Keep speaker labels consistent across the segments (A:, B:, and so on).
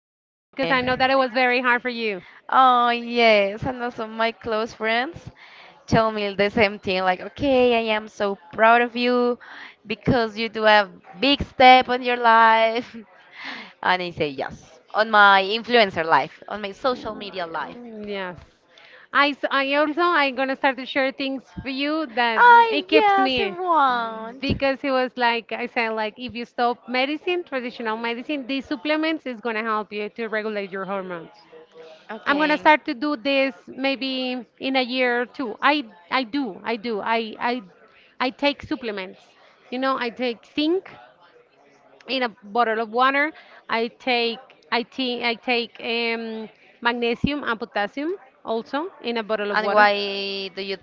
A: I know that it was very hard for you.
B: Oh, yes. And also, my close friends tell me the same thing like, okay, I am so proud of you because you do a big step on your life. And I say, yes, on my influencer life, on my social media life.
A: Mm, yes. I, s- I also I'm gonna start to share things for you that
B: Ah,
A: it keeps
B: yes, I
A: me
B: want.
A: because it was like I said, like if you stop medicine, traditional medicine, these supplements is gonna help you to regulate your hormones. I'm gonna
B: Okay.
A: start to do this maybe in a year or two. I I take supplements. You know I take zinc in a bottle of water. I take I take magnesium and potassium also in a bottle of
B: And
A: water.
B: why do you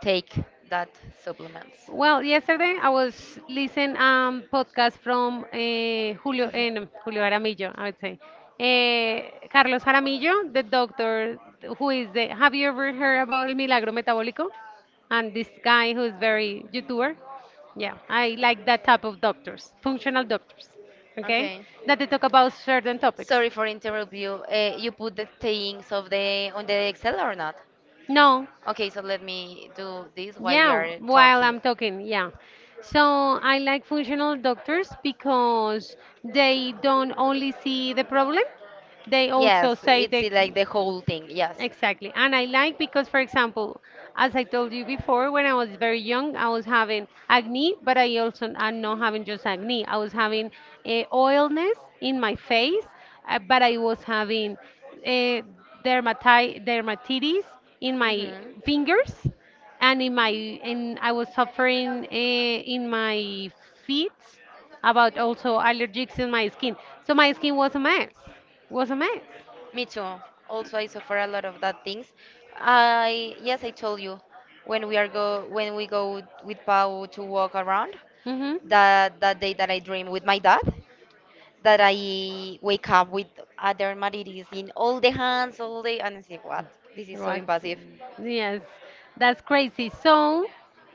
B: take that supplements?
A: Well, yesterday I was listening podcast from Julio and Julio Aramillo, I would say. Carlos Aramillo, the doctor who is the, have you ever heard about El Milagro Metabólico? And this guy who is very YouTuber. Yeah, I like that type of doctors, functional doctors. Okay?
B: Okay.
A: That they talk about certain topics.
B: Sorry for interrupt you. You put the things of the on the Excel or not?
A: No.
B: Okay, so let me do this while you
A: Yeah,
B: are
A: while
B: talking.
A: I'm talking, yeah. So I like functional doctors because they don't only see the problem, they
B: Yes,
A: also say
B: it's
A: the—
B: like the whole thing. Yes.
A: Exactly. And I like because, for example, as I told you before, when I was very young, I was having acne, but I also, I'm not having just acne. I was having oilness in my face, but I was having uh, dermatitis in my
B: hmm
A: fingers and in my— and I was suffering in my feet about also allergies in my skin. So my skin was a mess. Was a mess.
B: Me too. Also, I suffer a lot of that things. I yes, I told you when we are go when we go with Pau to walk around
A: Mhm.
B: that day that I dream with my dad, that I wake up with a dermatitis in all the hands all day, and I say what, this is so
A: What?
B: invasive.
A: Yes, that's crazy. So,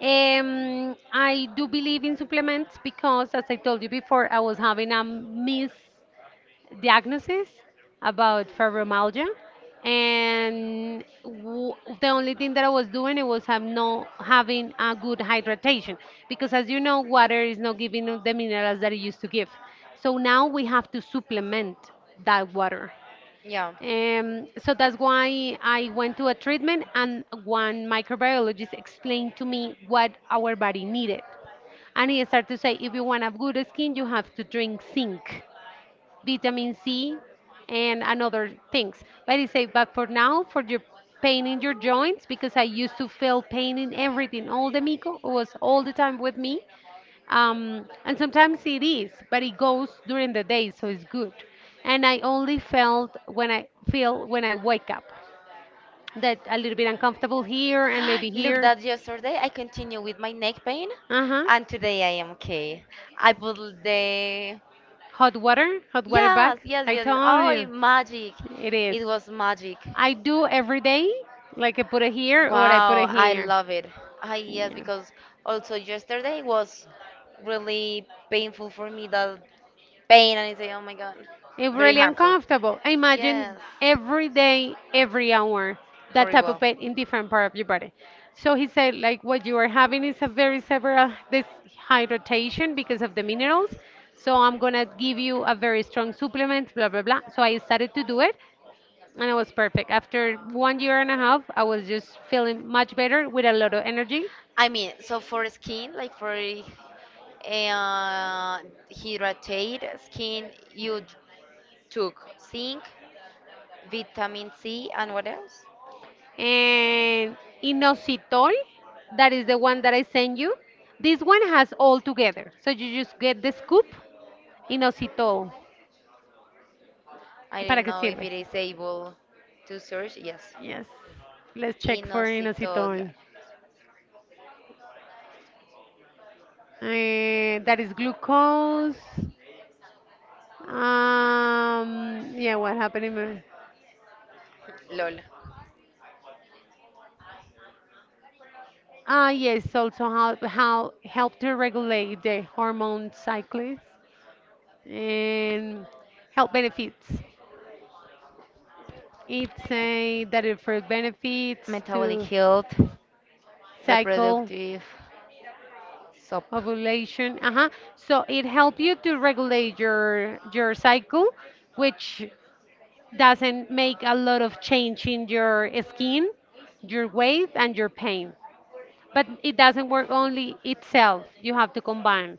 A: I do believe in supplements because, as I told you before, I was having a miss diagnosis about fibromyalgia, and the only thing that I was doing, it was have no having a good hydratation, because as you know, water is not giving us the minerals that it used to give, so now we have to supplement that water.
B: Yeah.
A: So that's why I went to a treatment, and one microbiologist explained to me what our body needed, and he started to say, if you want a good skin, you have to drink zinc, vitamin C, and another things. But he said, but for now, for your pain in your joints, because I used to feel pain in everything. All the mico was all the time with me. And sometimes it is, but it goes during the day, so it's good. And I only felt when I feel when I wake up that a little bit uncomfortable here and maybe
B: Look
A: here.
B: that yesterday I continue with my neck pain
A: Uh huh.
B: and today I am okay. I put the
A: Hot water
B: yes,
A: back.
B: yes,
A: I
B: yes, yes.
A: told
B: Oh, it-
A: you,
B: magic.
A: it is.
B: It was magic.
A: I do every day, like I put it here or I put
B: Wow,
A: it
B: I
A: here.
B: love it. Ah, yes,
A: Yeah.
B: because also yesterday was really painful for me, the pain, and I say, oh my God,
A: It's
B: very
A: really
B: harmful.
A: uncomfortable. I
B: Yes,
A: imagine every day, every hour, that type of
B: horrible.
A: pain in different part of your body. So he said, like what you are having is a very severe dehydration because of the minerals. So I'm gonna give you a very strong supplement, blah blah blah. So I started to do it, and it was perfect. After 1 year and a half, I was just feeling much better with a lot of energy
B: I mean, so for skin, like for hydrated skin, took zinc, vitamin C, and what else?
A: and inositol. That is the one that I sent you. This one has all together, so you just get the scoop. Inositol
B: I
A: para
B: don't
A: qué
B: know if
A: sirve.
B: it is able to search. Yes,
A: Yes, let's check for
B: inositol.
A: inositol. Eh, that is glucose. Um, yeah, what happened in my—
B: Lol.
A: ah, yes, also how help to regulate the hormone cycles and health benefits. It say that it for benefits
B: Metabolic
A: to
B: health,
A: cycle,
B: reproductive, soap.
A: ovulation. Uh-huh. So it help you to regulate your cycle, which doesn't make a lot of change in your skin, your weight, and your pain. But it doesn't work only itself. You have to combine.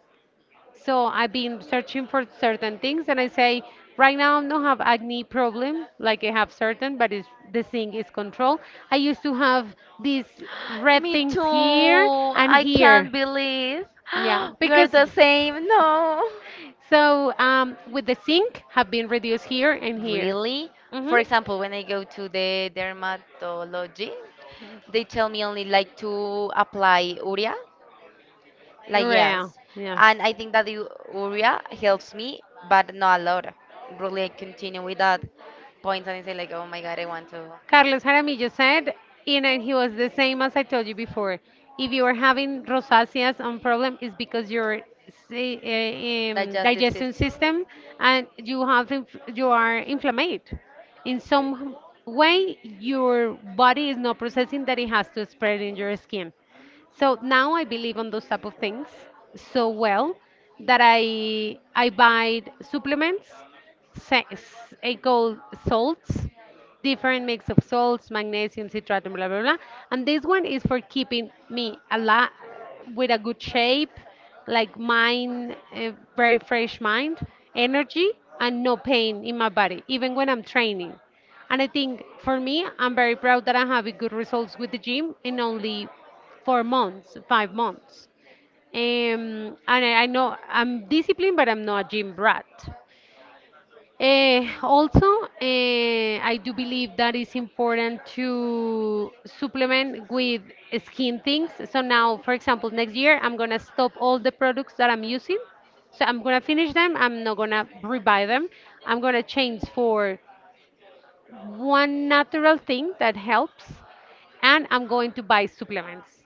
A: So I've been searching for certain things, and I say right now I don't have acne problem, like I have certain, but it's, the thing is control. I used to have these red
B: Me too.
A: things here and
B: I can't
A: here.
B: believe
A: Yeah,
B: we're
A: because
B: the same. No.
A: so with the zinc have been reduced here and here.
B: Really?
A: Mhm.
B: For example, when I go to the dermatology, they tell me only like to apply urea, like
A: Yeah.
B: yes.
A: Yes.
B: And I think that the urea helps me, but not a lot. Really, I continue with that points and I say like, oh my God, I want to.
A: Carlos Jaramillo said, and he was the same as I told you before. If you are having rosaceas and problem, it's because your
B: Digestive
A: digestion
B: system.
A: system, and you have you are inflamed. In some way, your body is not processing that it has to spread in your skin. So now I believe on those type of things so well that I buy supplements. It goes salts, different mix of salts, magnesium citrate, and blah blah blah. And this one is for keeping me a lot with a good shape, like mind, a very fresh mind, energy, and no pain in my body, even when I'm training. And I think for me, I'm very proud that I'm having good results with the gym in only 4 months, 5 months. And I know I'm disciplined, but I'm not a gym brat. Also, I do believe that it's important to supplement with skin things. So now, for example, next year I'm gonna stop all the products that I'm using. So I'm gonna finish them. I'm not gonna rebuy them. I'm gonna change for one natural thing that helps, and I'm going to buy supplements.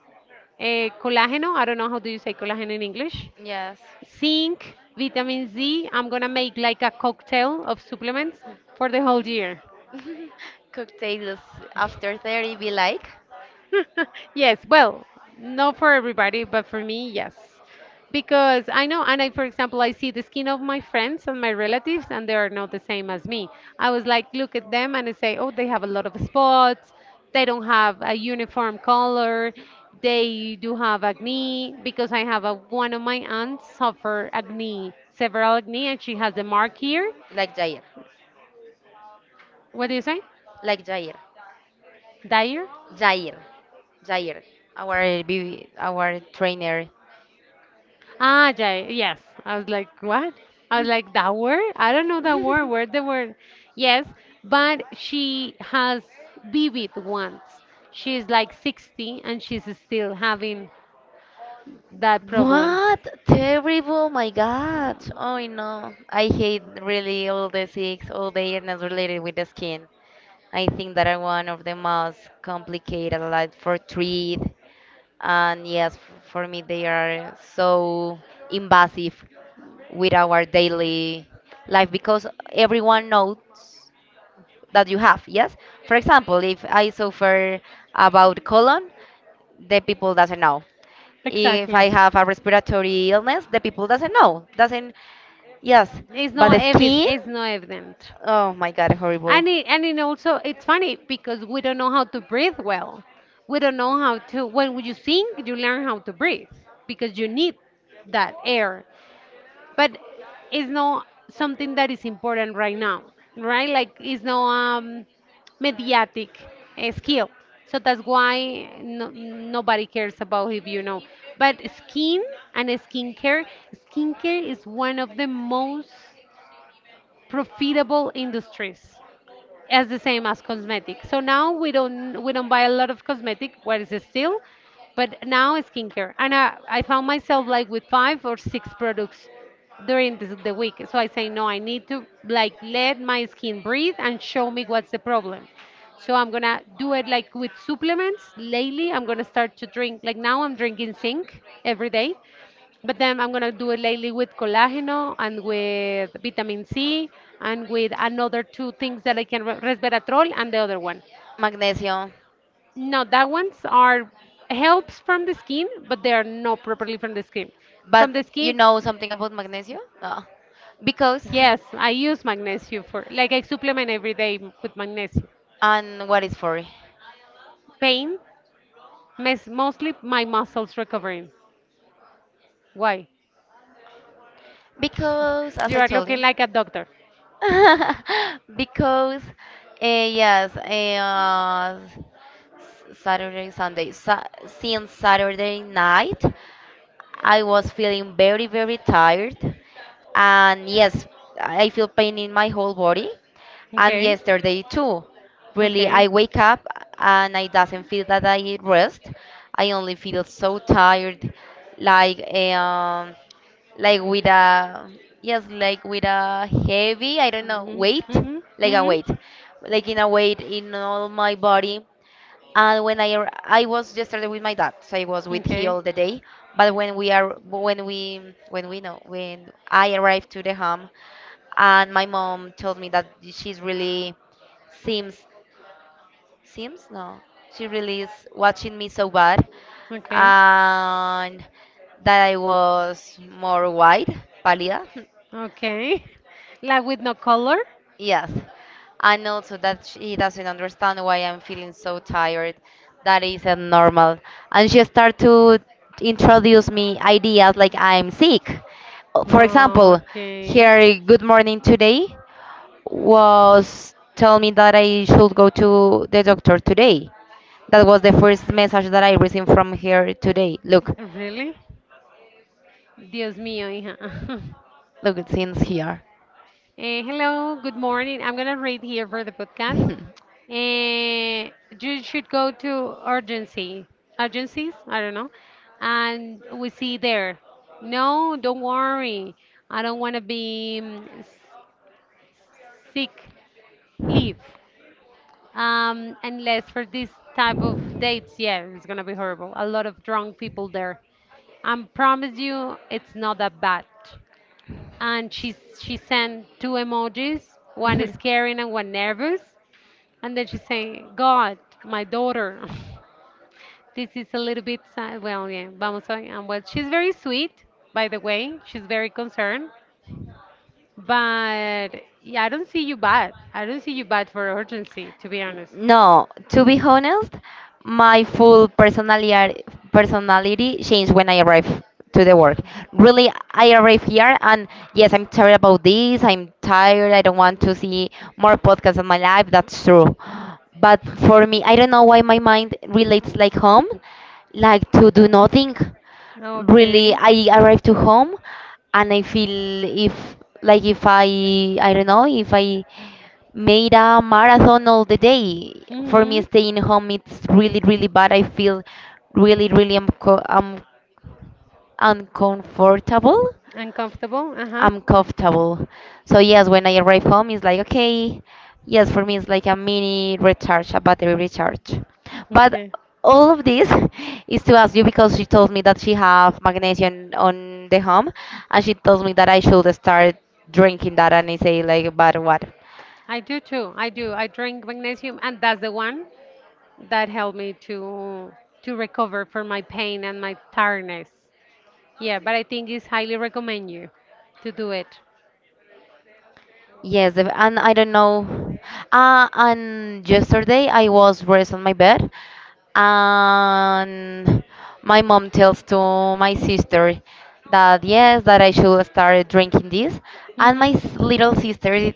A: Eh, colágeno. I don't know how do you say colágeno in English.
B: Yes.
A: Zinc, vitamin Z. I'm gonna make like a cocktail of supplements for the whole year.
B: Cocktails after 30 be like?
A: Yes, well, not for everybody, but for me, yes. Because I know, and I, for example, I see the skin of my friends and my relatives, and they are not the same as me. I was like, look at them, and I say, oh, they have a lot of spots. They don't have a uniform color. They do have acne because I have a, one of my aunts suffer acne, several acne, and she has the mark here.
B: Like Jair.
A: What do you say?
B: Like Jair.
A: Dire?
B: Jair. Jair. Our BB, our trainer.
A: Ah, yeah, yes. I was like, what? I was like, that word? I don't know that word. Where the word? Yes, but she has vivid ones. She's like 60 and she's still having that problem.
B: What? Terrible, my God. Oh no. I hate really all the six, all the illness related with the skin. I think that are one of the most complicated like for treat, and yes, for me they are so invasive with our daily life because everyone knows that you have yes, for example, if I suffer about colon, the people doesn't know. If I
A: Exactly.
B: have a respiratory illness, the people doesn't know, doesn't, yes,
A: It's
B: but the
A: not evident.
B: skin,
A: It's not evident.
B: oh my God, horrible.
A: And it also it's funny because we don't know how to breathe well. We don't know how to— when you sing, you learn how to breathe because you need that air. But it's not something that is important right now,
B: So
A: right? Like it's
B: everything
A: no
B: is going to be
A: mediatic
B: acting. It's here.
A: skill. So
B: So the
A: that's
B: divine,
A: why no,
B: nobody
A: nobody
B: cares
A: cares
B: about
A: about,
B: it. If
A: if you
B: everybody
A: know. But skin
B: believes and
A: and
B: it's here,
A: skincare,
B: it's going
A: skincare
B: to be
A: is one of the most
B: even better.
A: profitable industries,
B: Yes,
A: as
B: the
A: the
B: same
A: same
B: as
A: as
B: you
A: cosmetic. So
B: said.
A: now
B: But
A: we don't, we don't
B: even
A: buy a lot of cosmetic, what
B: what
A: is
B: you
A: it
B: do,
A: still?
B: but
A: But now skincare. And I found myself like with five
B: still
A: or six
B: there is
A: products during this, the
B: a way.
A: week. So I say no, I need to
B: Like
A: like let my
B: let
A: skin breathe and show
B: breathe
A: me what's the problem. So I'm gonna do it like
B: and
A: with supplements.
B: show.
A: Lately, I'm gonna start to drink. Like now, I'm drinking zinc every day, but then I'm gonna do it lately with collageno and with vitamin C and with another two things that I can resveratrol and the other one.
B: Magnesium.
A: No, that ones are helps from the skin, but they are not properly from the skin.
B: But
A: From the
B: you
A: skin,
B: know something about magnesium? No. Because,
A: yes, I use magnesium for like I supplement every day with magnesium.
B: and what is for?
A: Pain, mostly my muscles recovering. Why?
B: Because, as
A: You
B: I
A: are
B: told
A: looking
B: you,
A: like a doctor.
B: because, uh, yes, eh, uh, Saturday, Sunday, sa since Saturday night, I was feeling very, very tired. And yes, I feel pain in my whole body. And yesterday too. Really,
A: Okay.
B: I wake up and I doesn't feel that I rest. I only feel so tired, like um, like with a yes, like with a heavy, I don't know,
A: Mhm.
B: weight,
A: Mhm.
B: like a
A: Mhm.
B: weight, like in a weight in all my body, and I was yesterday with my dad, so I was with he
A: Okay.
B: all the day. But when we are when we know when I arrived to the home, and my mom told me that she's really seems seems no, she really is watching me so bad,
A: Okay.
B: and that I was more white, pálida.
A: Okay. Like with no color?
B: Yes, and also that she doesn't understand why I'm feeling so tired. That isn't normal. And she start to introduce me ideas like I'm sick. For
A: Oh,
B: example,
A: okay.
B: her good morning today was tell me that I should go to the doctor today. That was the first message that I received from her today. Look,
A: Really? Dios mío, hija.
B: look, it seems here.
A: Eh, hello, good morning. I'm gonna read here for the podcast. Eh, you should go to urgency, urgencies. I don't know, and we see there. No, don't worry. I don't want to be sick. Leave. Unless for this type of dates, yeah, it's gonna be horrible. A lot of drunk people there. I promise you, it's not that bad. And she sent two emojis, one is caring and one nervous, and then she saying, "God, my daughter." This is a little bit sad. Well, yeah, vamos a, and well, she's very sweet, by the way. She's very concerned, but yeah, I don't see you bad. I don't see you bad for urgency, to be honest.
B: No, to be honest, my full personality personality changed when I arrived to the work. Really, I arrived here and yes, I'm tired about this. I'm tired. I don't want to see more podcasts in my life. That's true. But for me, I don't know why my mind relates like home, like to do nothing. Really,
A: Okay.
B: I arrive to home and I feel if I don't know if I made a marathon all the day. For me,
A: Mm-hmm.
B: staying home it's really, really bad. I feel really, really uncomfortable.
A: Uncomfortable? Uh-huh.
B: Uncomfortable. So yes, when I arrive home, it's like okay. Yes, for me, it's like a mini recharge, a battery recharge. But
A: Okay.
B: all of this is to ask you because she told me that she have magnesium on the home, and she told me that I should start drinking that, and I say like, but what?
A: I do too. I do. I drink magnesium, and that's the one that helped me to recover from my pain and my tiredness. Yeah, but I think it's highly recommend you to do it.
B: Yes, the- and I don't know. And yesterday I was rest on my bed, and my mom tells to my sister that yes, that I should start drinking this, and my
A: Mm-hmm.
B: little sister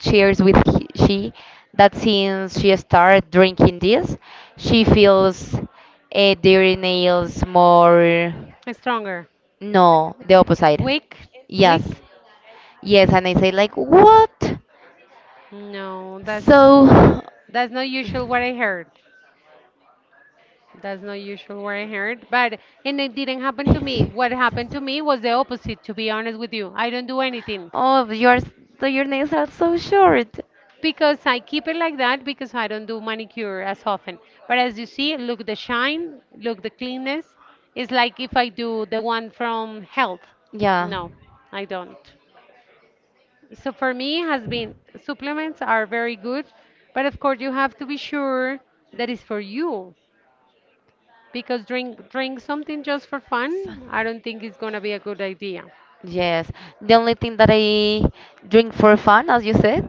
B: shares with he, she that since she started drinking this, she feels their nails more.
A: Stronger.
B: No, the opposite.
A: Weak?
B: Yes,
A: Weak?
B: yes, and I say like what?
A: No, that's
B: So,
A: that's not usual what I heard. That's not usual what I heard, but, and it didn't happen to me. What happened to me was the opposite, to be honest with you. I don't do anything
B: oh, yours, so your nails are so short.
A: because I keep it like that because I don't do manicure as often. But as you see, look the shine, look the cleanness. It's like if I do the one from health.
B: Yeah.
A: No, I don't. So for me, has been supplements are very good, but of course you have to be sure that it's for you because drink something just for
B: So-
A: fun, I don't think it's gonna be a good idea.
B: Yes. The only thing that I drink for fun, as you said,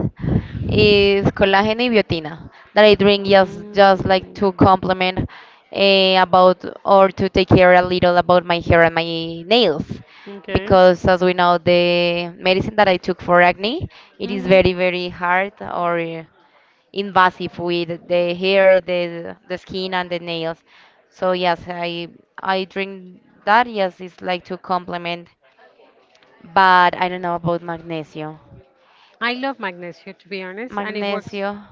B: is collagen and biotina. That I drink just like to
A: Mm,
B: complement about or to take care a little about my hair and my nails.
A: okay.
B: Because as we know, the medicine that I took for acne, it is
A: Hmm.
B: very, very hard or invasive with the hair, the skin, and the nails. So yes, I drink that. Yes, it's like to complement, but I don't know about magnesium.
A: I love magnesia to be honest, and it works.
B: Magnesium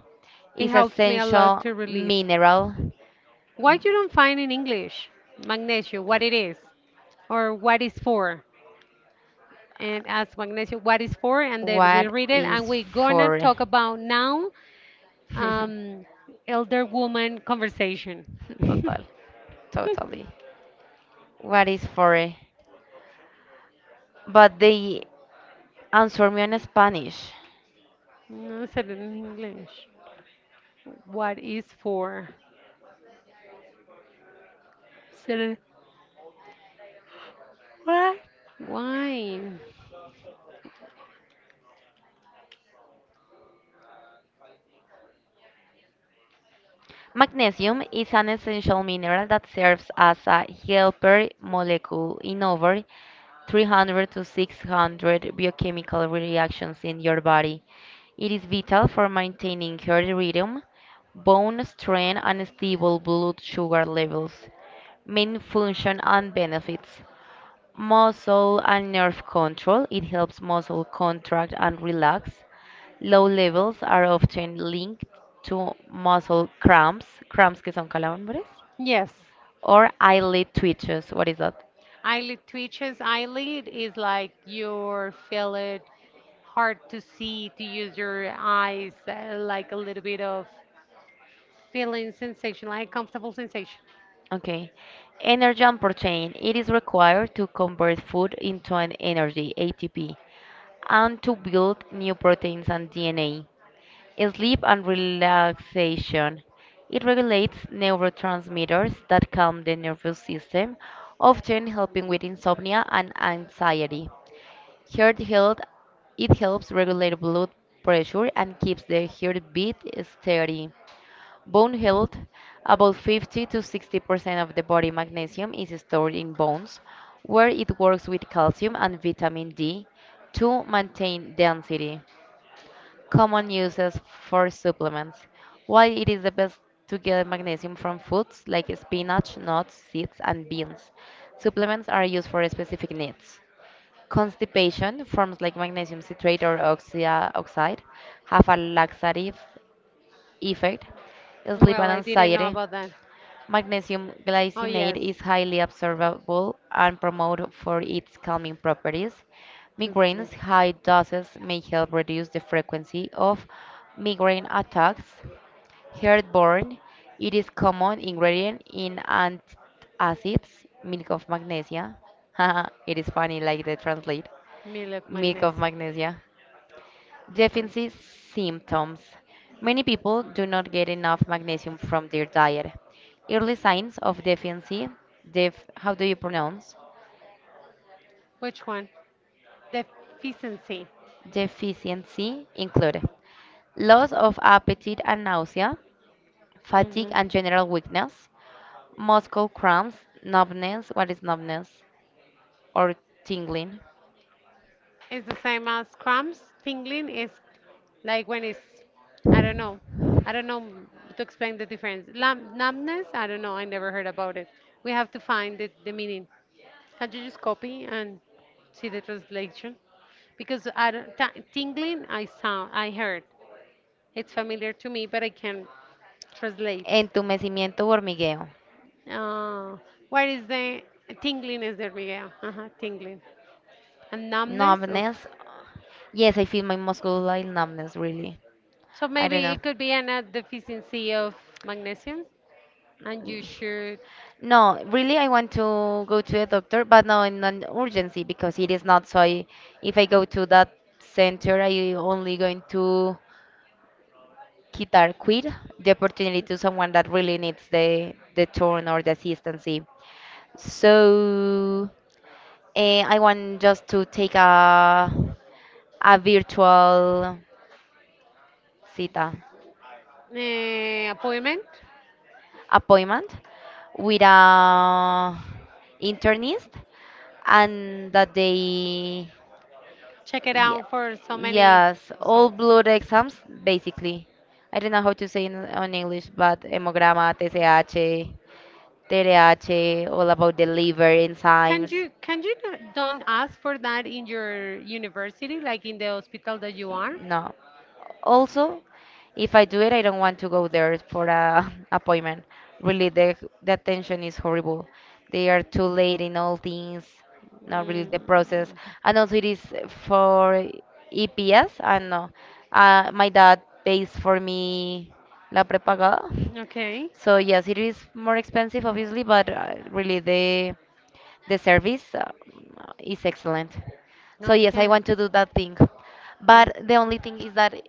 A: It
B: is
A: helps me a lot
B: essential
A: to relieve.
B: mineral.
A: Why you don't find in English magnesia? What it is or what it's for? And ask Magnesio what it's for, and then we
B: What
A: read it,
B: is
A: and we're gonna
B: for?
A: talk about now um, elder woman conversation.
B: Total, totally. What is for? But they answer me in Spanish.
A: No, said it in English. What is for? Said it. What? Why?
B: Magnesium is an essential mineral that serves as a helper molecule in over 300 to 600 biochemical reactions in your body. It is vital for maintaining heart rhythm, bone strength, and stable blood sugar levels. Main function and benefits muscle and nerve control. It helps muscle contract and relax. Low levels are often linked to muscle cramps, cramps que son calambres,
A: Yes.
B: or eyelid twitches. What is that?
A: Eyelid twitches. Eyelid is like you feel it hard to see to use your eyes, like a little bit of feeling sensation, like comfortable sensation.
B: Okay. Energy and protein. It is required to convert food into an energy, ATP, and to build new proteins and DNA. Sleep and relaxation. It regulates neurotransmitters that calm the nervous system, often helping with insomnia and anxiety. Heart health. It helps regulate blood pressure and keeps the heartbeat steady. Bone health. About 50 to 60% of the body magnesium is stored in bones, where it works with calcium and vitamin D to maintain density. Common uses for supplements. Why it is the best to get magnesium from foods like spinach, nuts, seeds, and beans. Supplements are used for specific needs. Constipation, forms like magnesium citrate or oxide, have a laxative effect. Sleep
A: Well,
B: and
A: I didn't know
B: anxiety,
A: about that.
B: magnesium
A: Oh,
B: glycinate is
A: yes.
B: highly absorbable and promoted for its calming properties.
A: Please, please.
B: Migraines high doses may help reduce the frequency of migraine attacks. Heartburn, it is common ingredient in antacids, milk of magnesia. It is funny like they translate
A: Milk
B: milk of
A: magnesium.
B: magnesia.
A: Um.
B: Deficiency symptoms. Many people do not get enough magnesium from their diet. Early signs of deficiency, def, how do you pronounce?
A: Which one? Deficiency.
B: Deficiency include loss of appetite and nausea, fatigue
A: Mhm.
B: and general weakness, muscle cramps, numbness, what is numbness? Or tingling.
A: It's the same as cramps. Tingling is like when it's, I don't know, I don't know m- to explain the difference. Lam numbness, I don't know, I never heard about it. We have to find the meaning. Can you just copy and see the translation? Because I don't, tingling, I sound, I heard. It's familiar to me, but I can't translate.
B: Entumecimiento o hormigueo.
A: Uh, what is the tingling? Is there, Miguel? Uh-huh, tingling. And numbness, oof.
B: Numbness. Yes, I feel my muscle like numbness, really.
A: So
B: I don't
A: maybe
B: know.
A: it could be an a deficiency of magnesium, and you should,
B: No, really, I want to go to a doctor, but no in an urgency because it is not. So I, if I go to that center, I only going to quitar quit the opportunity to someone that really needs the turn or the assistance. So I want just to take a virtual cita
A: appointment.
B: appointment with a internist, and that they
A: Check it
B: Yeah,
A: out for so many
B: yes, all
A: results.
B: blood exams basically. I don't know how to say in on English, but hemograma, TSH, TRH, all about the liver enzymes.
A: Don't ask for that in your university, like in the hospital that you are?
B: No. Also, if I do it, I don't want to go there for a appointment. Really, the attention is horrible. They are too late in all things. Not really the process.
A: Mm.
B: And also, it is for EPS. I know. My dad pays for me la prepagada.
A: Okay.
B: So yes, it is more expensive, obviously, but really the service is excellent. So yes, I
A: Okay.
B: want to do that thing, but
A: Mm.
B: the only thing is that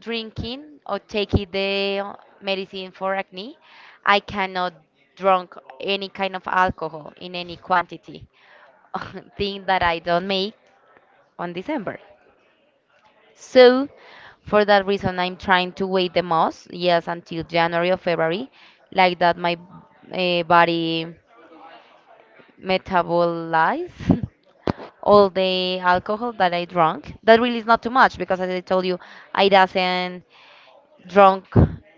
B: drinking or taking the medicine for acne, I cannot drink any kind of alcohol in any quantity. Thing that I don't make on December. So for that reason, I'm trying to wait the most. Yes, until January or February, like that my body metabolize all the alcohol that I drank. That really is not too much because, as I told you, I doesn't drunk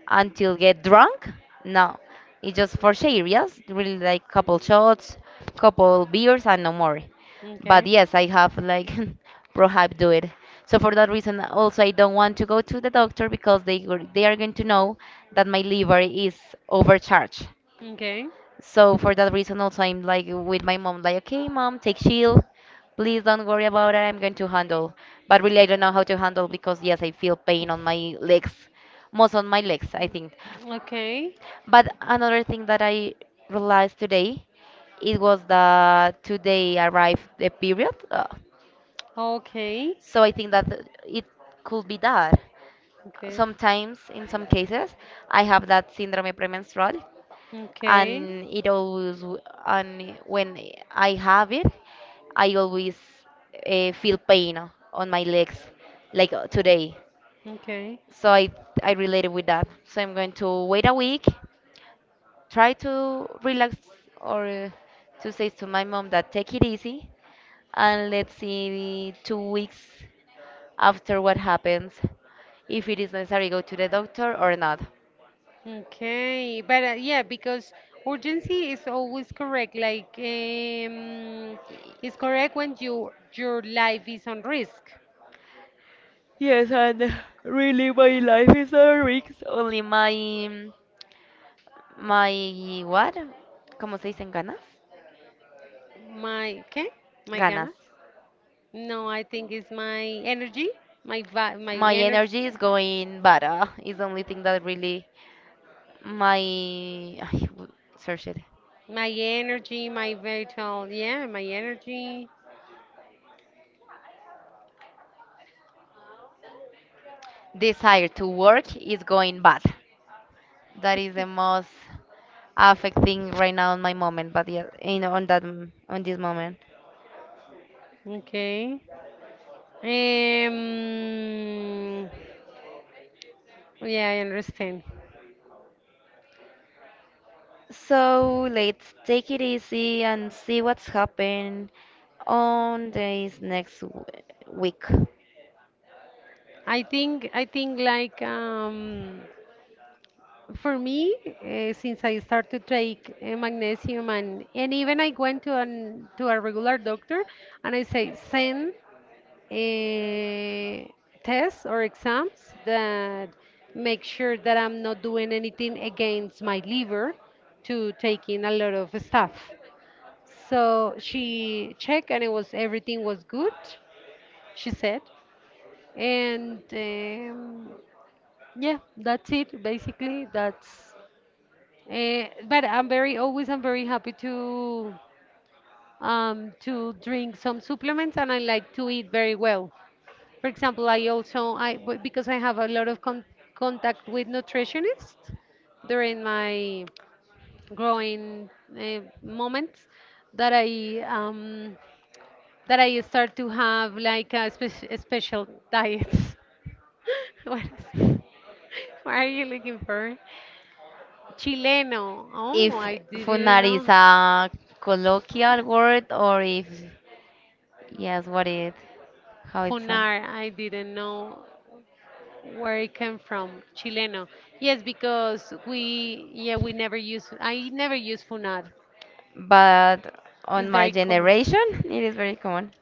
B: until get drunk. No, it's just for share. Yes, really like couple shots, couple beers, and no more. But
A: Okay.
B: yes, I have like prohib do it. So for that reason, also I don't want to go to the doctor because they are going to know that my liver is overcharged.
A: Okay. Okay.
B: So for that reason, also I'm like with my mom, like, okay, mom, take chill. Please don't worry about it. I'm going to handle. But really, I don't know how to handle because yes, I feel pain on my legs, most on my legs, I think.
A: Okay.
B: But another thing that I realized today, it was that today arrived the period. So I think that it could be that. Sometimes, in some cases, I have that syndrome premenstrual
A: Okay.
B: and
A: Okay.
B: and when I have it, I always feel pain on my legs, like today.
A: Okay.
B: So I related with that. So I'm going to wait a week, try to relax or to say to my mom that take it easy, and let's see 2 weeks after what happens, if it is necessary go to the doctor or not.
A: Okay. But yeah, because urgency is always correct. Like, it's correct when you your life is on risk.
B: Yes, and really my life is a risk. Only my My what? ¿Cómo se dicen ganas?
A: My, okay? My
B: Ganas.
A: ganas? No, I think it's my energy, my
B: My
A: energy.
B: energy is going bad. It's the only thing that really my ay, w- search it.
A: My energy, my vital, yeah, my energy.
B: Desire to work is going bad. That is the most affecting right now in my moment, but yeah, in on that m- on this moment.
A: Okay. Um, yeah, I understand.
B: So let's take it easy and see what's happened on this week.
A: I think like, for me, since I started to take, magnesium and even I went to an to a regular doctor and I say send, eh, tests or exams that make sure that I'm not doing anything against my liver to take in a lot of stuff. So she checked and it was everything was good, she said. And, yeah, that's it basically. That's, but I'm very happy to drink some supplements and I like to eat very well. For example, I also I, because I have a lot of contact with nutritionists during my growing, moments that I, that I start to have like a, spe a special diets. What is, what are you looking for? Chileno. Oh,
B: If
A: I
B: funar
A: didn't
B: is
A: know.
B: a colloquial word, or if yes what it how it's on,
A: Funar, I didn't know. Where it came from, Chileno. Yes, because we, yeah, we never use, I never use funar.
B: but on
A: It's
B: my
A: very common.
B: generation it is very common.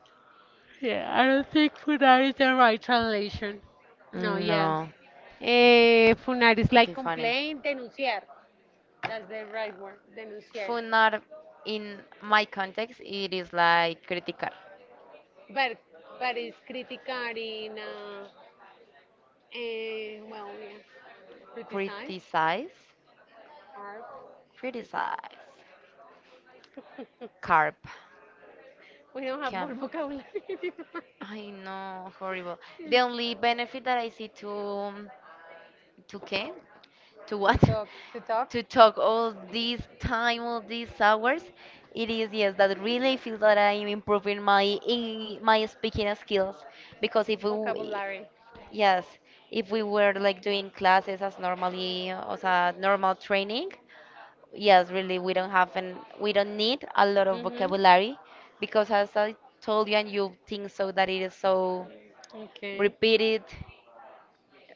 A: Yeah, I don't think funar is the right translation. No, yeah.
B: No,
A: Eh, funar is like
B: okay, funny.
A: complain, denunciar. That's the right word, denunciar.
B: Funar in my context it is like critical.
A: But but it's criticar in, eh, well, yeah, criticize
B: Criticize,
A: or critic.
B: criticize, carp,
A: We don't have more
B: cam,
A: vocabulary anymore.
B: I know, horrible. The only benefit that I see to qué? To
A: to
B: what?
A: talk to talk
B: To talk all this time, all these hours. It is yes that really feels that I am improving my speaking skills, because if we w-
A: Vocabulary.
B: yes, if we were like doing classes as normally as a normal training, yes really we don't need a lot of
A: Hmm.
B: vocabulary, because as I told you and you think so, that it is so
A: Okay.
B: repeated.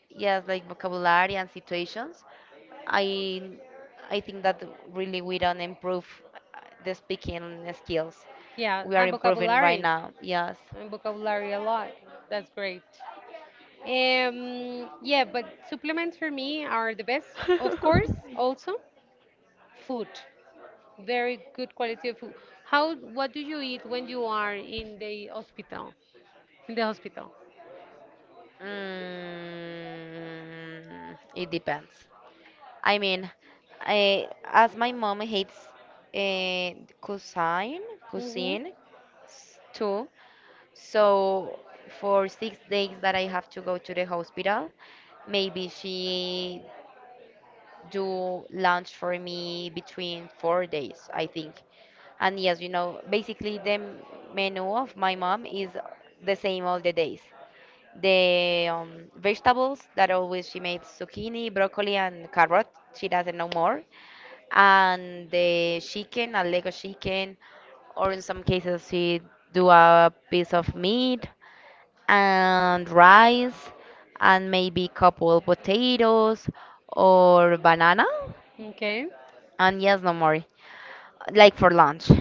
B: Yes, like vocabulary and situations. I I think that really we don't improve the speaking skills.
A: Yeah,
B: We are
A: and
B: improving right
A: vocabulary.
B: now. Yes.
A: And vocabulary a lot, that's great. Um, yeah, but supplements for me are the best. Of course also food, very good quality of food. How, what do you eat when you are in the hospital? In the hospital.
B: Mm, it depends. I mean, I, as my mom hates uh, cuisine,
A: Hmm.
B: cuisine too. So for 6 days that I have to go to the hospital, maybe she do lunch for me between 4 days, I think. And yes, you know, basically menu of my mom is the same all the days. The vegetables that always she made zucchini, broccoli, and carrot. She doesn't know more. And the chicken, a leg of chicken, or in some cases she do a piece of meat and rice and maybe couple potatoes or banana,
A: Okay.
B: and yes, no more. Like for lunch.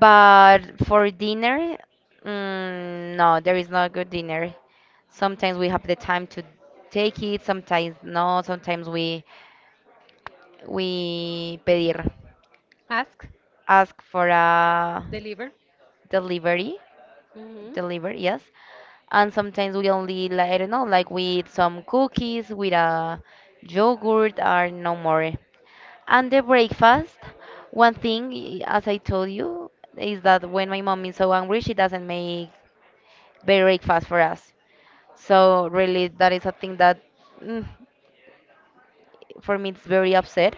B: But for dinner, mm, no, there is no good dinner. Sometimes we have the time to take it, sometimes no, sometimes we pedir,
A: Ask,
B: ask for a
A: deliver.
B: delivery,
A: Hmm.
B: delivery, yes. And sometimes we only like I don't know, like we eat some cookies with a yogurt or no more. And the breakfast, one thing, I- as I told you, is that when my mom is so angry, she doesn't make breakfast for us. So really, that is a thing that, mm, for me, it's very upset.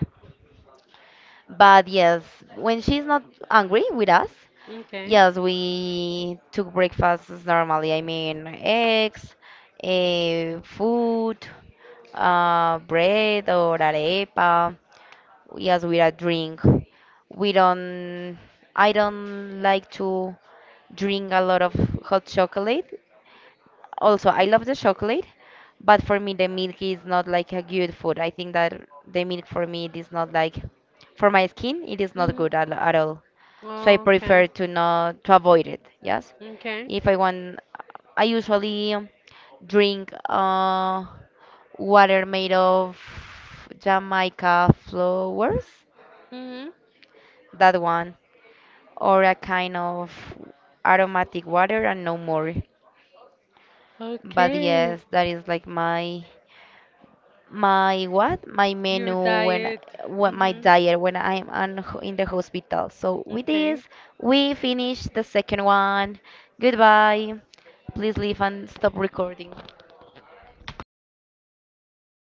B: But yes, when she's not angry with us,
A: Okay.
B: yes, we took breakfasts normally. I mean, eggs, eh, food, bread or arepa. Yes, with a drink. We don't, I don't like to drink a lot of hot chocolate. Also I love the chocolate, but for me the milk is not like a good food. I think that the milk for me it is not like, for my skin it is not
A: Hmm.
B: good at all. So I prefer
A: Okay.
B: to not to avoid it, yes.
A: Okay.
B: If I want, I usually drink water made of jamaica flowers,
A: Hmm.
B: that one, or a kind of aromatic water and no more. But
A: Okay.
B: yes, that is like my what? My
A: Your
B: menu when,
A: diet.
B: what my
A: Hmm.
B: diet when I'm in the hospital. So with this,
A: Okay.
B: we finish the second one. Goodbye. Please leave and stop recording.